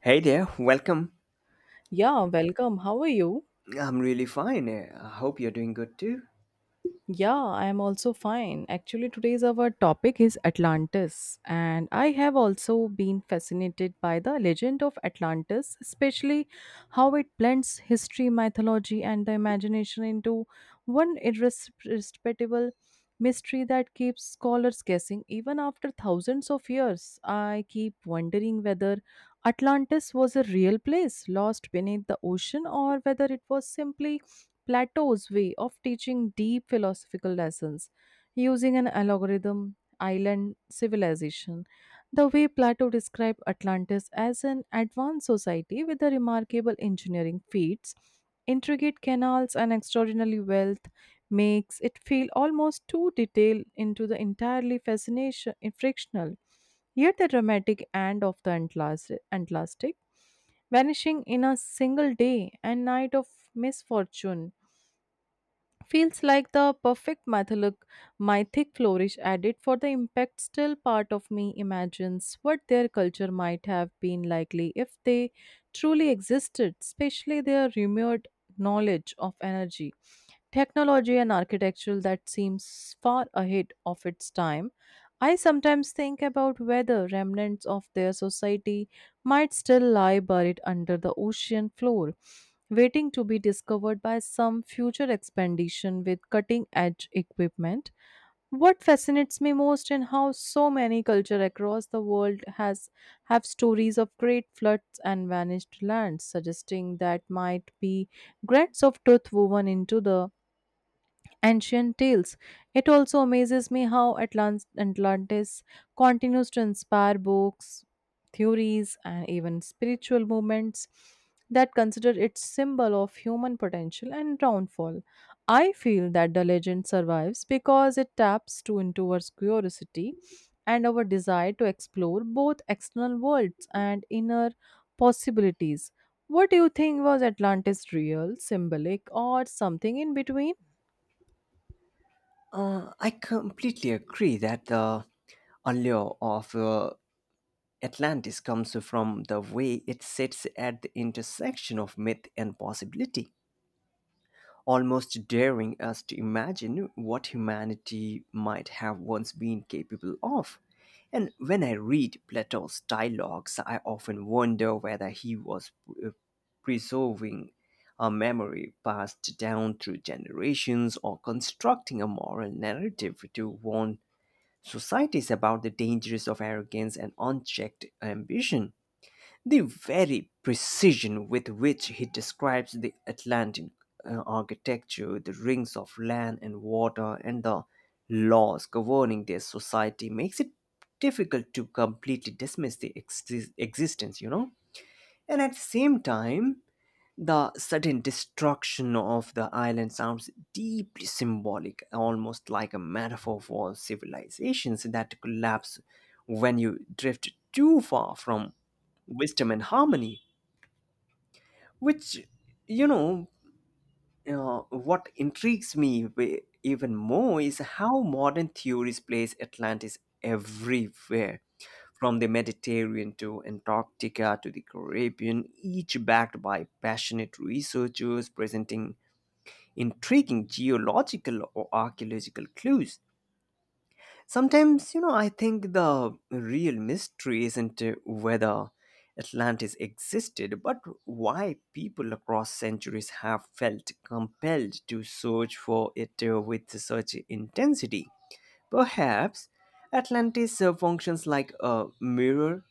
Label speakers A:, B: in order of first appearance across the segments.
A: Hey there, welcome.
B: Yeah, welcome. How are you?
A: I'm really fine. I hope you're doing good too.
B: Yeah, I am also fine. Actually, today's our topic is Atlantis, and I have also been fascinated by the legend of Atlantis, especially how it blends history, mythology, and the imagination into one irresistible mystery that keeps scholars guessing even after thousands of years. I keep wondering whether Atlantis was a real place lost beneath the ocean or whether it was simply Plato's way of teaching deep philosophical lessons using an algorithm, island civilization. The way Plato described Atlantis as an advanced society with the remarkable engineering feats, intricate canals, and extraordinary wealth makes it feel almost too detailed into the entirely fascination frictional, yet the dramatic end of the Atlantic, vanishing in a single day and night of misfortune, feels like the perfect mytholic mythic flourish added for the impact. Still, part of me imagines what their culture might have been likely if they truly existed, especially their remote knowledge of energy, technology, and architecture that seems far ahead of its time. I sometimes think about whether remnants of their society might still lie buried under the ocean floor, waiting to be discovered by some future expedition with cutting edge equipment. What fascinates me most in how so many cultures across the world has have stories of great floods and vanished lands, suggesting that might be grants of truth woven into the ancient tales. It also amazes me how Atlantis continues to inspire books, theories, and even spiritual movements that consider it symbol of human potential and downfall. I feel that the legend survives because it taps to into our curiosity and our desire to explore both external worlds and inner possibilities. What do you think? Was Atlantis real, symbolic, or something in between?
A: I completely agree that the allure of Atlantis comes from the way it sits at the intersection of myth and possibility, almost daring us to imagine what humanity might have once been capable of. And when I read Plato's dialogues, I often wonder whether he was uh, preserving a memory passed down through generations or constructing a moral narrative to warn societies about the dangers of arrogance and unchecked ambition. The very precision with which he describes the Atlantic architecture, the rings of land and water, and the laws governing their society makes it difficult to completely dismiss the existence, you know? And at the same time, the sudden destruction of the island sounds deeply symbolic, almost like a metaphor for civilizations that collapse when you drift too far from wisdom and harmony. Which, you know, what intrigues me even more is how modern theories place Atlantis everywhere, from the Mediterranean to Antarctica to the Caribbean, each backed by passionate researchers presenting intriguing geological or archaeological clues. Sometimes, I think the real mystery isn't whether Atlantis existed, but why people across centuries have felt compelled to search for it with such intensity. Perhaps Atlantis functions like a mirror,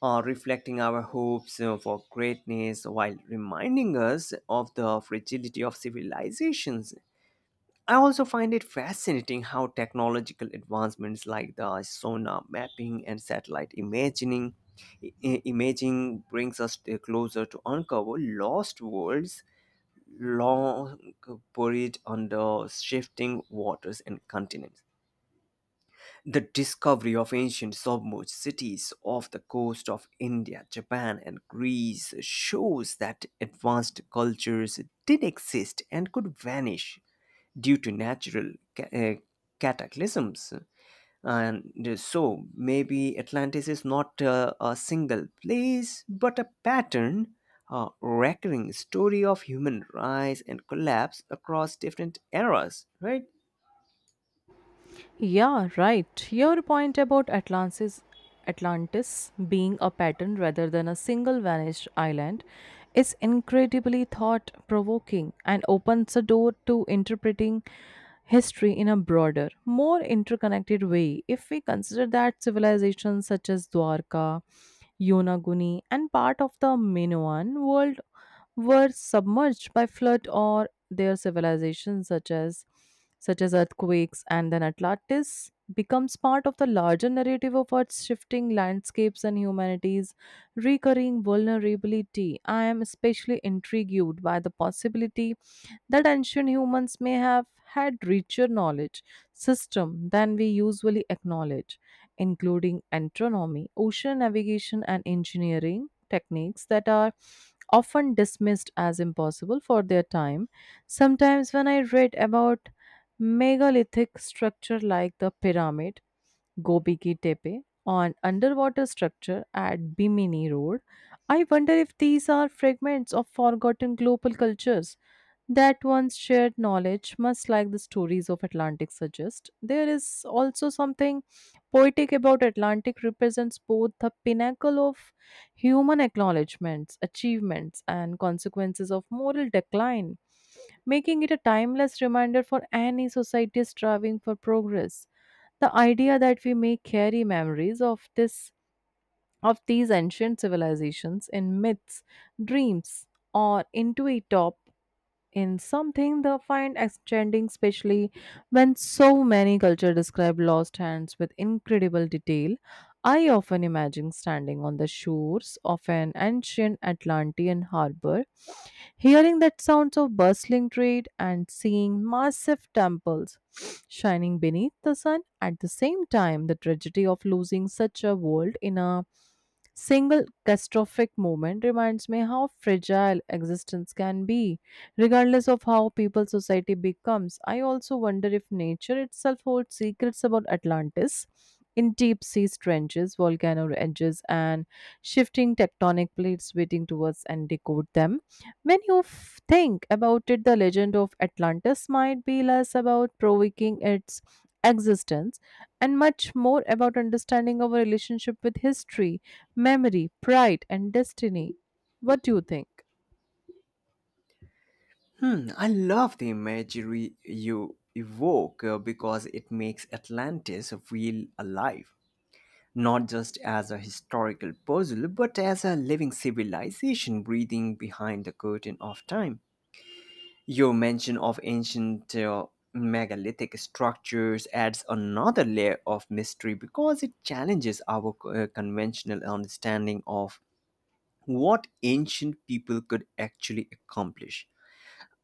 A: reflecting our hopes for greatness while reminding us of the fragility of civilizations. I also find it fascinating how technological advancements like the sonar mapping and satellite imaging brings us closer to uncover lost worlds long buried under shifting waters and continents. The discovery of ancient submerged cities off the coast of India, Japan, and Greece shows that advanced cultures did exist and could vanish due to natural cataclysms. And so maybe Atlantis is not a single place, but a pattern, a recurring story of human rise and collapse across different eras, right?
B: Yeah, right. Your point about Atlantis being a pattern rather than a single vanished island is incredibly thought provoking and opens the door to interpreting history in a broader, more interconnected way. If we consider that civilizations such as Dwarka, Yonaguni, and part of the Minoan world were submerged by flood or their civilizations such as earthquakes, and then Atlantis becomes part of the larger narrative of Earth's shifting landscapes and humanity's recurring vulnerability. I am especially intrigued by the possibility that ancient humans may have had richer knowledge system than we usually acknowledge, including astronomy, ocean navigation, and engineering techniques that are often dismissed as impossible for their time. Sometimes when I read about megalithic structure like the pyramid, Gobi Ki Tepe, on underwater structure at Bimini Road, I wonder if these are fragments of forgotten global cultures that once shared knowledge, much like the stories of Atlantic suggest. There is also something poetic about Atlantic represents both the pinnacle of human acknowledgments, achievements, and consequences of moral decline, making it a timeless reminder for any society striving for progress. The idea that we may carry memories of this of these ancient civilizations in myths, dreams, or into a top in something they find extending, especially when so many cultures describe lost hands with incredible detail. I often imagine standing on the shores of an ancient Atlantean harbor, hearing that sounds of bustling trade and seeing massive temples shining beneath the sun. At the same time, the tragedy of losing such a world in a single catastrophic moment reminds me how fragile existence can be. Regardless of how people society becomes, I also wonder if nature itself holds secrets about Atlantis in deep sea trenches, volcano edges, and shifting tectonic plates waiting towards and decode them. When you think about it, the legend of Atlantis might be less about provoking its existence and much more about understanding our relationship with history, memory, pride, and destiny. What do you think?
A: Hmm, I love the imagery you evoke because it makes Atlantis feel alive, not just as a historical puzzle, but as a living civilization breathing behind the curtain of time. Your mention of ancient megalithic structures adds another layer of mystery because it challenges our conventional understanding of what ancient people could actually accomplish.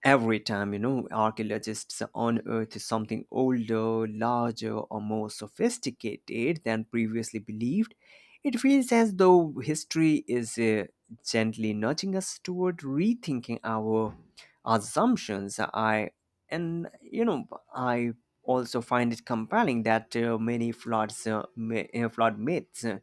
A: Every time, archaeologists unearth something older, larger, or more sophisticated than previously believed, it feels as though history is gently nudging us toward rethinking our assumptions. I and you know, I also find it compelling that many flood myths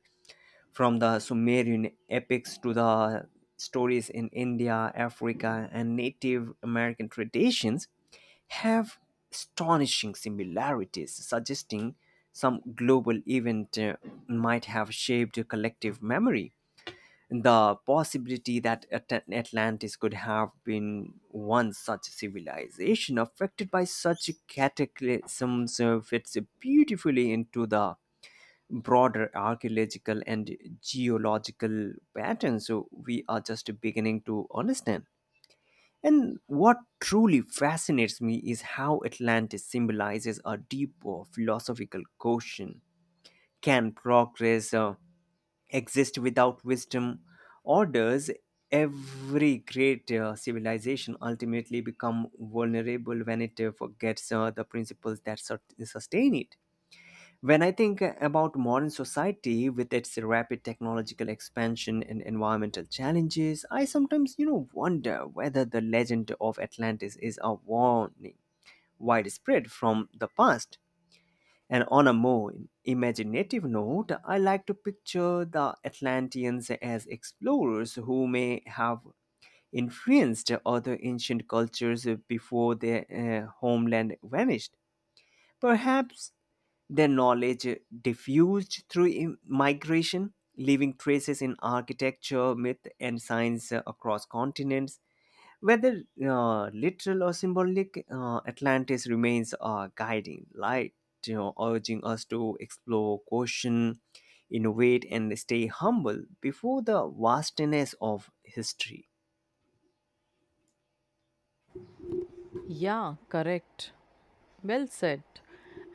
A: from the Sumerian epics to the stories in India, Africa, and Native American traditions, have astonishing similarities, suggesting some global event might have shaped collective memory. The possibility that Atlantis could have been one such civilization affected by such cataclysms fits beautifully into the broader archaeological and geological patterns so we are just beginning to understand. And what truly fascinates me is how Atlantis symbolizes a deeper philosophical question. Can progress exist without wisdom, or does every great civilization ultimately become vulnerable when it forgets the principles that sustain it? When I think about modern society with its rapid technological expansion and environmental challenges, I sometimes wonder whether the legend of Atlantis is a warning widespread from the past. And on a more imaginative note, I like to picture the Atlanteans as explorers who may have influenced other ancient cultures before their homeland vanished. Perhaps their knowledge diffused through migration, leaving traces in architecture, myth, and science across continents. Whether literal or symbolic, Atlantis remains a guiding light, urging us to explore, question, innovate, and stay humble before the vastness of history.
B: Yeah, correct. Well said.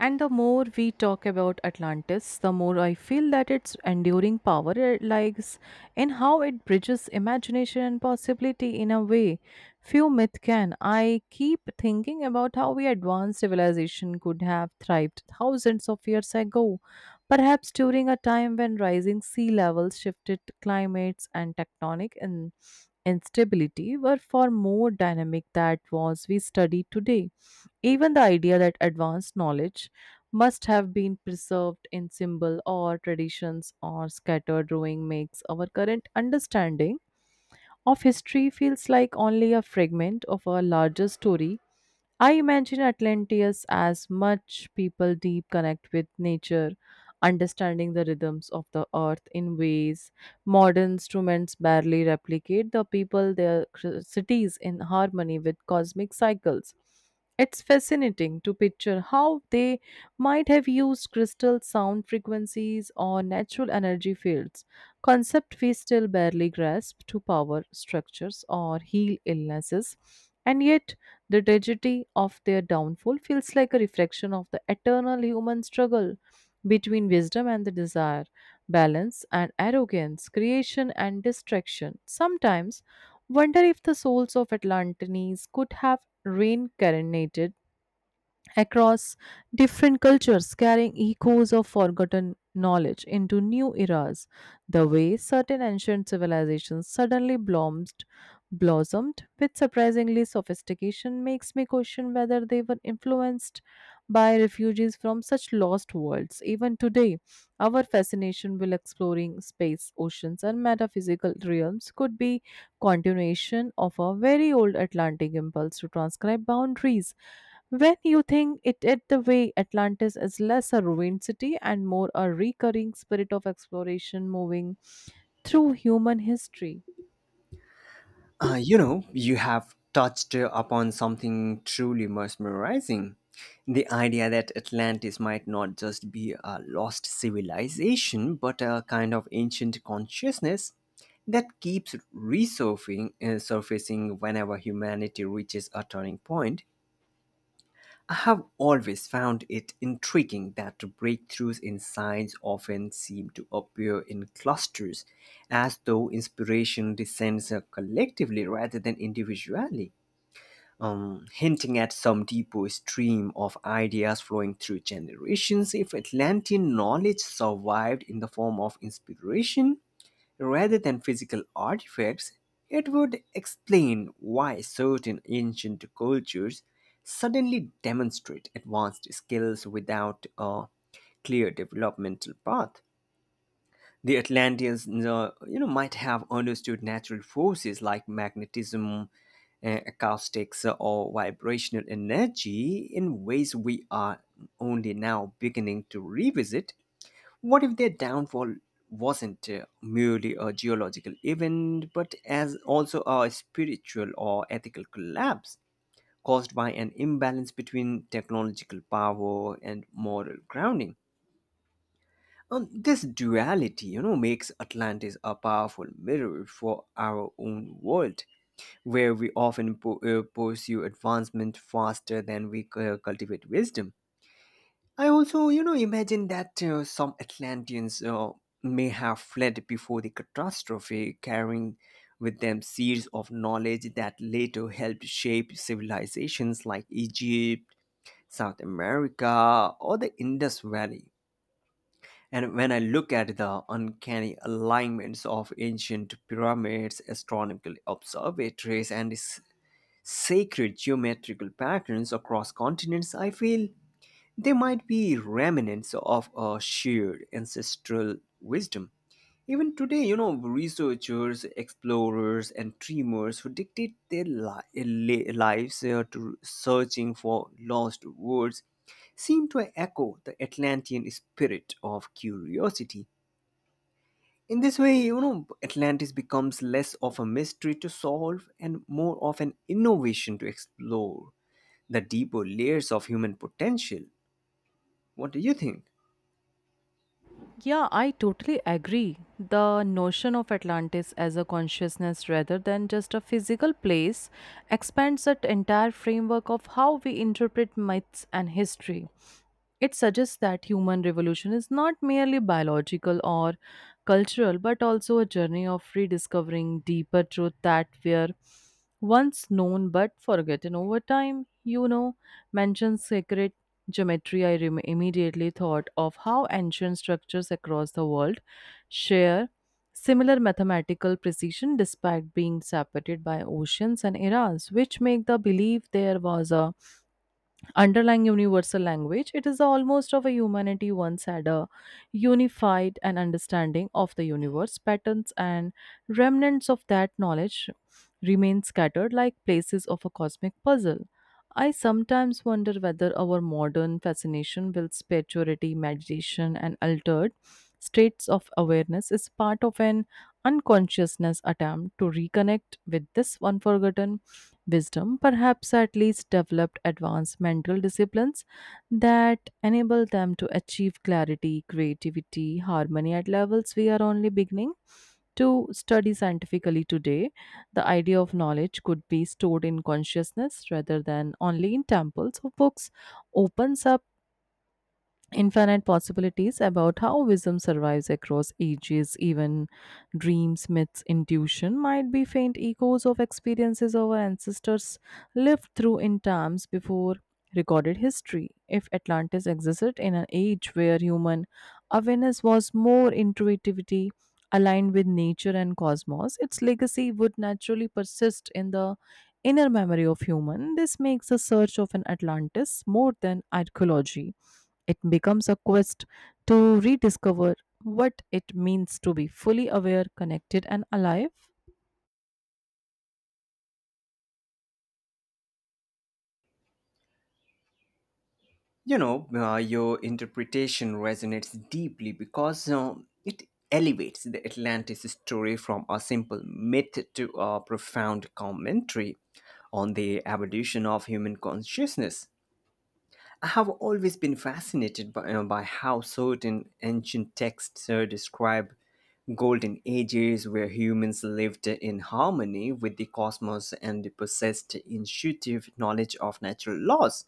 B: And the more we talk about Atlantis, the more I feel that its enduring power lies in how it bridges imagination and possibility in a way few myth can. I keep thinking about how we advanced civilization could have thrived thousands of years ago, perhaps during a time when rising sea levels, shifted climates, and tectonic instability were far more dynamic than was we study today. Even the idea that advanced knowledge must have been preserved in symbol or traditions or scattered ruin makes our current understanding of history feels like only a fragment of a larger story. I imagine Atlantis as much people deep connect with nature, understanding the rhythms of the earth in ways modern instruments barely replicate. The people, their cities in harmony with cosmic cycles. It's fascinating to picture how they might have used crystal sound frequencies or natural energy fields, concept we still barely grasp to power structures or heal illnesses. And yet, the tragedy of their downfall feels like a reflection of the eternal human struggle between wisdom and the desire, balance and arrogance, creation and distraction. Sometimes wonder if the souls of Atlantes could have reincarnated across different cultures, carrying echoes of forgotten knowledge into new eras. The way certain ancient civilizations suddenly blossomed with surprisingly sophistication makes me question whether they were influenced by refugees from such lost worlds. Even today, our fascination with exploring space, oceans, and metaphysical realms could be continuation of a very old Atlantic impulse to transcribe boundaries. When you think it, it the way, Atlantis is less a ruined city and more a recurring spirit of exploration moving through human history.
A: You have touched upon something truly mesmerizing. The idea that Atlantis might not just be a lost civilization, but a kind of ancient consciousness that keeps resurfacing surfacing whenever humanity reaches a turning point. I have always found it intriguing that breakthroughs in science often seem to appear in clusters, as though inspiration descends collectively rather than individually, hinting at some deeper stream of ideas flowing through generations. If Atlantean knowledge survived in the form of inspiration, rather than physical artifacts, it would explain why certain ancient cultures suddenly demonstrate advanced skills without a clear developmental path. The Atlanteans, might have understood natural forces like magnetism, acoustics, or vibrational energy in ways we are only now beginning to revisit. What if their downfall wasn't merely a geological event, but as also a spiritual or ethical collapse caused by an imbalance between technological power and moral grounding? This duality, makes Atlantis a powerful mirror for our own world, where we often pursue advancement faster than we cultivate wisdom. I also imagine that some Atlanteans may have fled before the catastrophe, carrying with them seeds of knowledge that later helped shape civilizations like Egypt, South America, or the Indus Valley. And when I look at the uncanny alignments of ancient pyramids, astronomical observatories, and sacred geometrical patterns across continents, I feel they might be remnants of a shared ancestral wisdom. Even today, researchers, explorers, and dreamers who dictate their lives to searching for lost words seem to echo the Atlantean spirit of curiosity. In this way, Atlantis becomes less of a mystery to solve and more of an innovation to explore the deeper layers of human potential. What do you think?
B: Yeah, I totally agree. The notion of Atlantis as a consciousness rather than just a physical place expands that entire framework of how we interpret myths and history. It suggests that human revolution is not merely biological or cultural, but also a journey of rediscovering deeper truth that were once known but forgotten over time. You know, mentions sacred geometry. I immediately thought of how ancient structures across the world share similar mathematical precision despite being separated by oceans and eras, which make the belief there was a underlying universal language. It is the almost of a humanity once had a unified and understanding of the universe patterns and remnants of that knowledge remain scattered like places of a cosmic puzzle. I sometimes wonder whether our modern fascination with spirituality, meditation, and altered states of awareness is part of an unconsciousness attempt to reconnect with this unforgotten wisdom, perhaps at least developed advanced mental disciplines that enable them to achieve clarity, creativity, harmony at levels we are only beginning to study scientifically today. The idea of knowledge could be stored in consciousness rather than only in temples or books opens up infinite possibilities about how wisdom survives across ages. Even dreams, myths, intuition might be faint echoes of experiences our ancestors lived through in times before recorded history. If Atlantis existed in an age where human awareness was more intuitivity aligned with nature and cosmos, its legacy would naturally persist in the inner memory of human. This makes the search of an Atlantis more than archaeology; it becomes a quest to rediscover what it means to be fully aware, connected, and alive.
A: Your interpretation resonates deeply because it elevates the Atlantis story from a simple myth to a profound commentary on the evolution of human consciousness. I have always been fascinated by how certain ancient texts describe golden ages where humans lived in harmony with the cosmos and possessed intuitive knowledge of natural laws,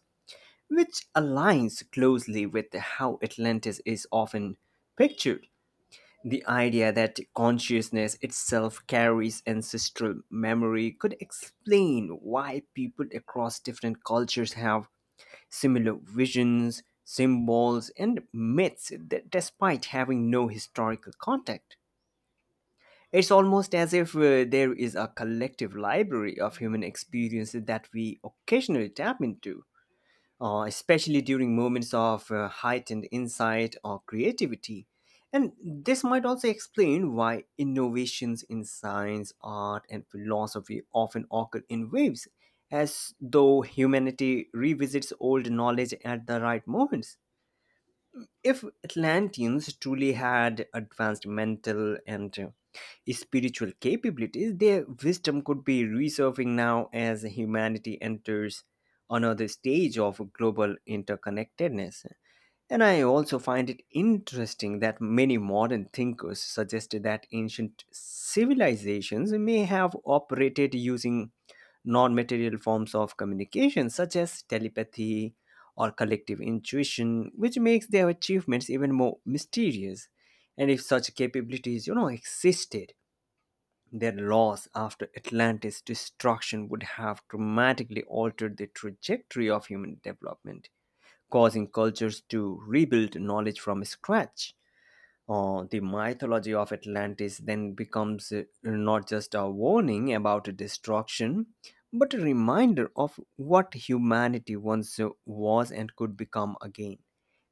A: which aligns closely with how Atlantis is often pictured. The idea that consciousness itself carries ancestral memory could explain why people across different cultures have similar visions, symbols, and myths that despite having no historical context. It's almost as if there is a collective library of human experiences that we occasionally tap into especially during moments of heightened insight or creativity. And this might also explain why innovations in science, art, and philosophy often occur in waves, as though humanity revisits old knowledge at the right moments. If Atlanteans truly had advanced mental and spiritual capabilities, their wisdom could be resurfacing now as humanity enters another stage of global interconnectedness. And I also find it interesting that many modern thinkers suggested that ancient civilizations may have operated using non material forms of communication, such as telepathy or collective intuition, which makes their achievements even more mysterious. And if such capabilities, existed, their loss after Atlantis' destruction would have dramatically altered the trajectory of human development causing cultures to rebuild knowledge from scratch. The mythology of Atlantis then becomes not just a warning about destruction, but a reminder of what humanity once was and could become again.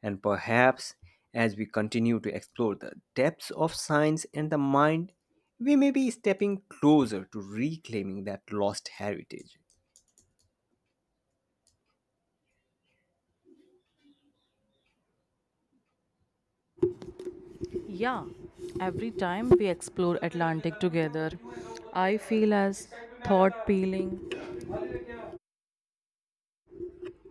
A: And perhaps as we continue to explore the depths of science and the mind, we may be stepping closer to reclaiming that lost heritage.
B: Yeah, every time we explore Atlantic together, I feel as thought peeling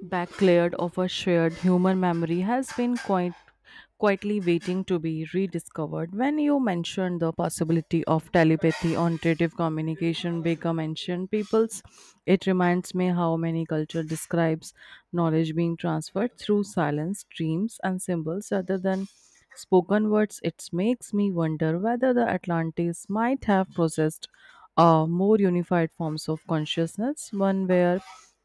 B: back cleared of a shared human memory has been quite quietly waiting to be rediscovered. When you mentioned the possibility of telepathy or intuitive communication become ancient peoples, it reminds me how many culture describes knowledge being transferred through silence, dreams, and symbols rather than spoken words. It makes me wonder whether the Atlantis might have possessed more unified forms of consciousness, one where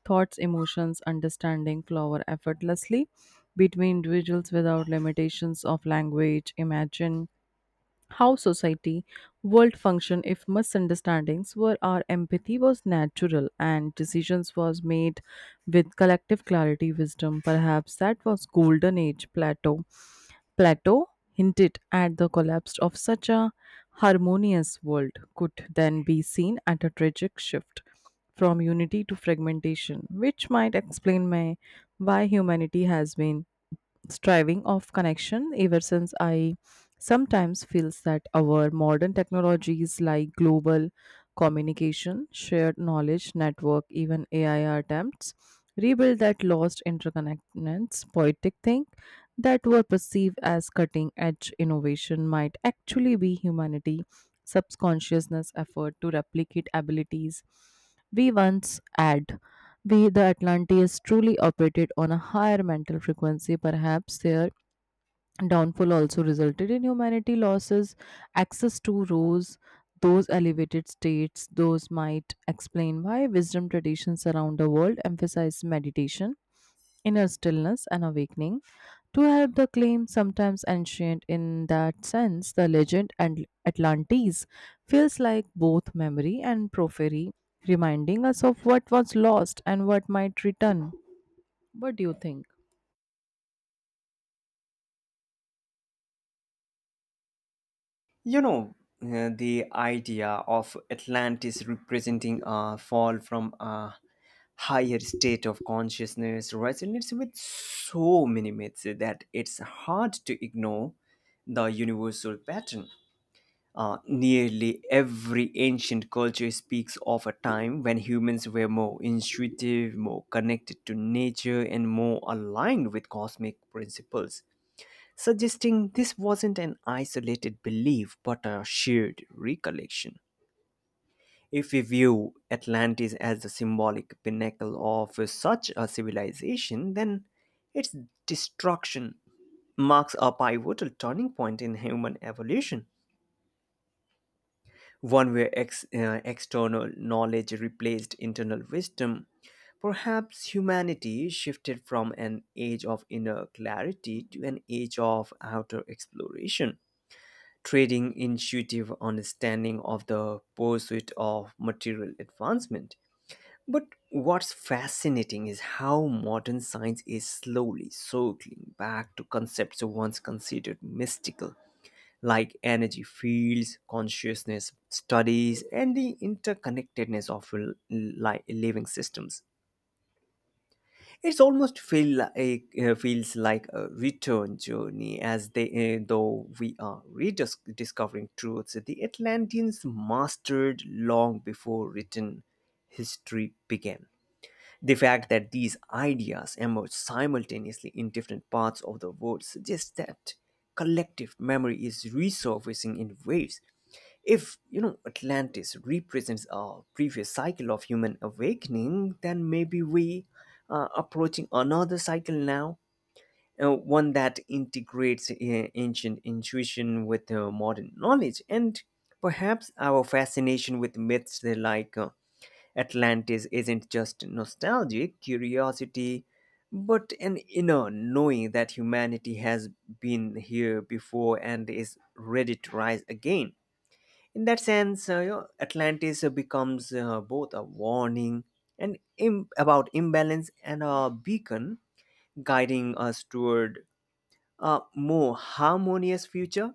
B: thoughts, emotions, understanding flower effortlessly between individuals without limitations of language. Imagine how society world function if misunderstandings were our empathy was natural and decisions was made with collective clarity wisdom. Perhaps that was golden age plateau Plato hinted at. The collapse of such a harmonious world could then be seen at a tragic shift from unity to fragmentation, which might explain why humanity has been striving of connection ever since. I sometimes feels that our modern technologies like global communication, shared knowledge network, even AI attempts rebuild that lost interconnectedness poetic thing that were perceived as cutting edge innovation might actually be humanity subconsciousness effort to replicate abilities we once had. Be the Atlanteans truly operated on a higher mental frequency, perhaps their downfall also resulted in humanity losses access to rose those elevated states. Those might explain why wisdom traditions around the world emphasize meditation, inner stillness, and awakening to help the claim, sometimes ancient. In that sense, the legend and Atlantis feels like both memory and prophecy, reminding us of what was lost and what might return. What do you think?
A: You know, the idea of Atlantis representing a fall from a higher state of consciousness resonates with so many myths that it's hard to ignore the universal pattern. Nearly every ancient culture speaks of a time when humans were more intuitive, more connected to nature, and more aligned with cosmic principles, suggesting this wasn't an isolated belief but a shared recollection. If we view Atlantis as the symbolic pinnacle of such a civilization, then its destruction marks a pivotal turning point in human evolution, one where external knowledge replaced internal wisdom. Perhaps humanity shifted from an age of inner clarity to an age of outer exploration, trading intuitive understanding of the pursuit of material advancement. But what's fascinating is how modern science is slowly circling back to concepts once considered mystical, like energy fields, consciousness studies, and the interconnectedness of living systems. It's almost feels like a return journey, as they though we are rediscovering truths the Atlanteans mastered long before written history began. The fact that these ideas emerge simultaneously in different parts of the world suggests that collective memory is resurfacing in waves. If Atlantis represents a previous cycle of human awakening, then maybe we are approaching another cycle now, one that integrates ancient intuition with modern knowledge. And perhaps our fascination with myths like Atlantis isn't just nostalgic curiosity, but an inner knowing that humanity has been here before and is ready to rise again. In that sense, Atlantis becomes both a warning and about imbalance and a beacon guiding us toward a more harmonious future.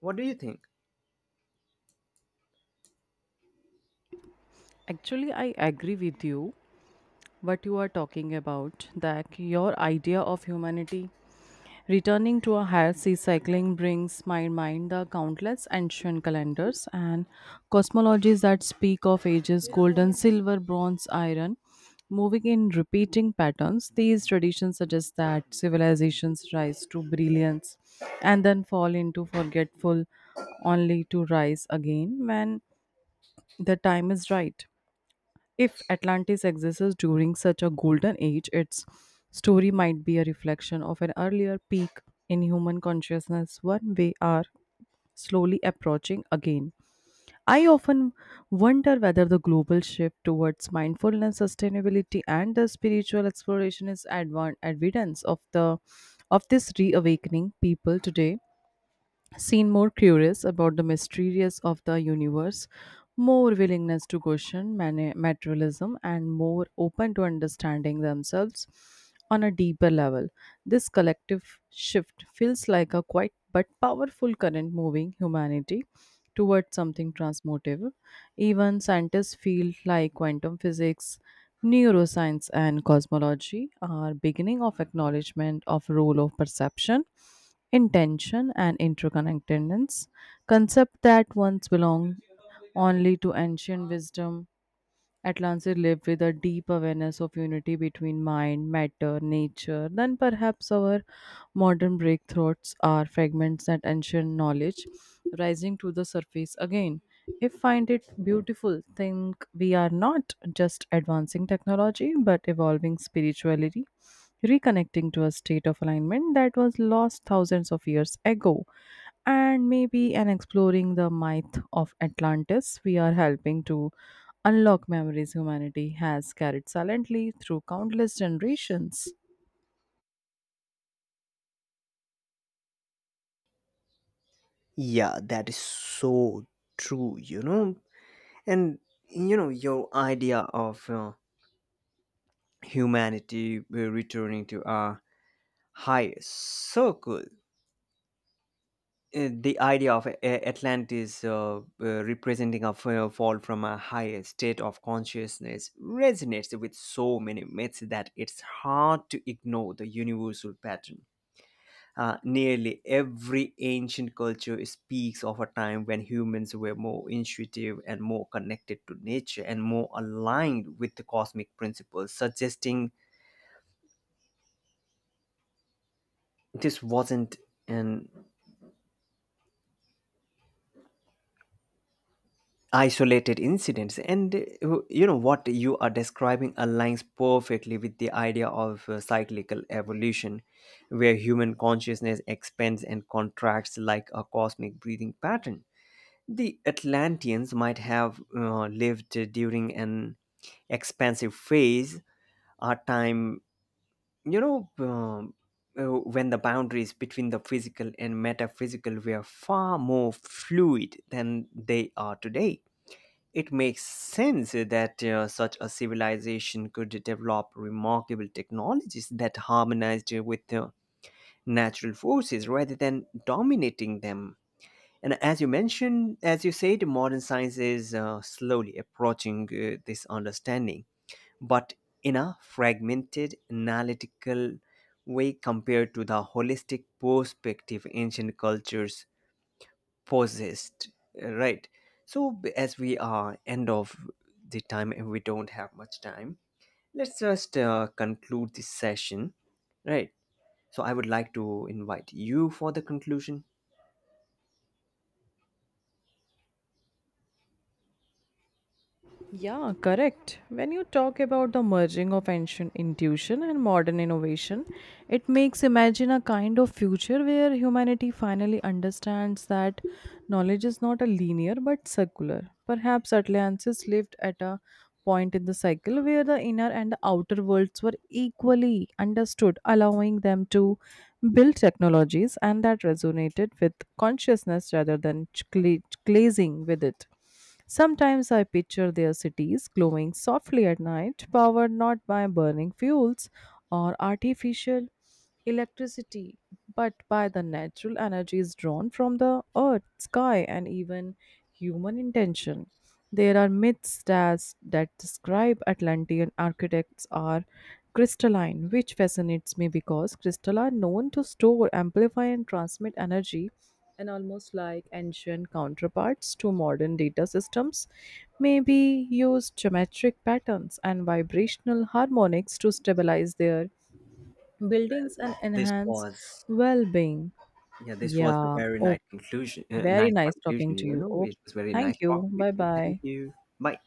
A: What do you think?
B: Actually, I agree with you. What you are talking about, that your idea of humanity returning to a higher sea cycling brings my mind the countless ancient calendars and cosmologies that speak of ages golden, silver, bronze, iron, moving in repeating patterns. These traditions suggest that civilizations rise to brilliance and then fall into forgetful, only to rise again when the time is right. If Atlantis exists during such a golden age, its story might be a reflection of an earlier peak in human consciousness, one we are slowly approaching again. I often wonder whether the global shift towards mindfulness, sustainability, and the spiritual exploration is advan evidence of this reawakening. People today seen more curious about the mysterious of the universe, more willingness to question materialism, and more open to understanding themselves on a deeper level. This collective shift feels like a quiet but powerful current moving humanity towards something transformative. Even scientists feel like quantum physics, neuroscience, and cosmology are beginning of acknowledgement of role of perception, intention, and interconnectedness, concept that once belonged only to ancient wisdom. Atlantis lived with a deep awareness of unity between mind, matter, nature, than perhaps our modern breakthroughs are fragments that ancient knowledge rising to the surface again. If find it beautiful, think we are not just advancing technology but evolving spirituality, reconnecting to a state of alignment that was lost thousands of years ago. And maybe an exploring the myth of Atlantis, we are helping to unlock memories humanity has carried silently through countless generations.
A: Yeah, that is so true. You know, And you know, Your idea of humanity returning to our highest, so cool. The idea of Atlantis representing a fall from a higher state of consciousness resonates with so many myths that it's hard to ignore the universal pattern. Nearly every ancient culture speaks of a time when humans were more intuitive and more connected to nature and more aligned with the cosmic principles, suggesting this wasn't an isolated incident. And what you are describing aligns perfectly with the idea of cyclical evolution, where human consciousness expands and contracts like a cosmic breathing pattern. The Atlanteans might have lived during an expansive phase, a time, you know, um, when the boundaries between the physical and metaphysical were far more fluid than they are today. It makes sense that such a civilization could develop remarkable technologies that harmonized with natural forces rather than dominating them. And as you said, modern science is slowly approaching this understanding, but in a fragmented, analytical way compared to the holistic perspective ancient cultures possessed. Right. So, as we are end of the time and we don't have much time, let's just conclude this session. Right. So, I would like to invite you for the conclusion.
B: Yeah, correct. When you talk about the merging of ancient intuition and modern innovation, it makes imagine a kind of future where humanity finally understands that knowledge is not a linear but circular. Perhaps Atlantis lived at a point in the cycle where the inner and the outer worlds were equally understood, allowing them to built technologies and that resonated with consciousness rather than glazing with it. Sometimes I picture their cities glowing softly at night, powered not by burning fuels or artificial electricity, but by the natural energies drawn from the earth, sky, and even human intention. There are myths that describe Atlantean architects are crystalline, which fascinates me because crystal are known to store, amplify, and transmit energy, and almost like ancient counterparts to modern data systems, maybe use geometric patterns and vibrational harmonics to stabilize their buildings and
A: This
B: enhance
A: was...
B: well being.
A: Yeah, this was a
B: Yeah,
A: very nice
B: okay.
A: conclusion.
B: Very
A: Nice
B: nice talking
A: conclusion,
B: to you. Okay.
A: It was very nice
B: Thank you.
A: talking with
B: Bye
A: you. Thank
B: bye.
A: you. Bye.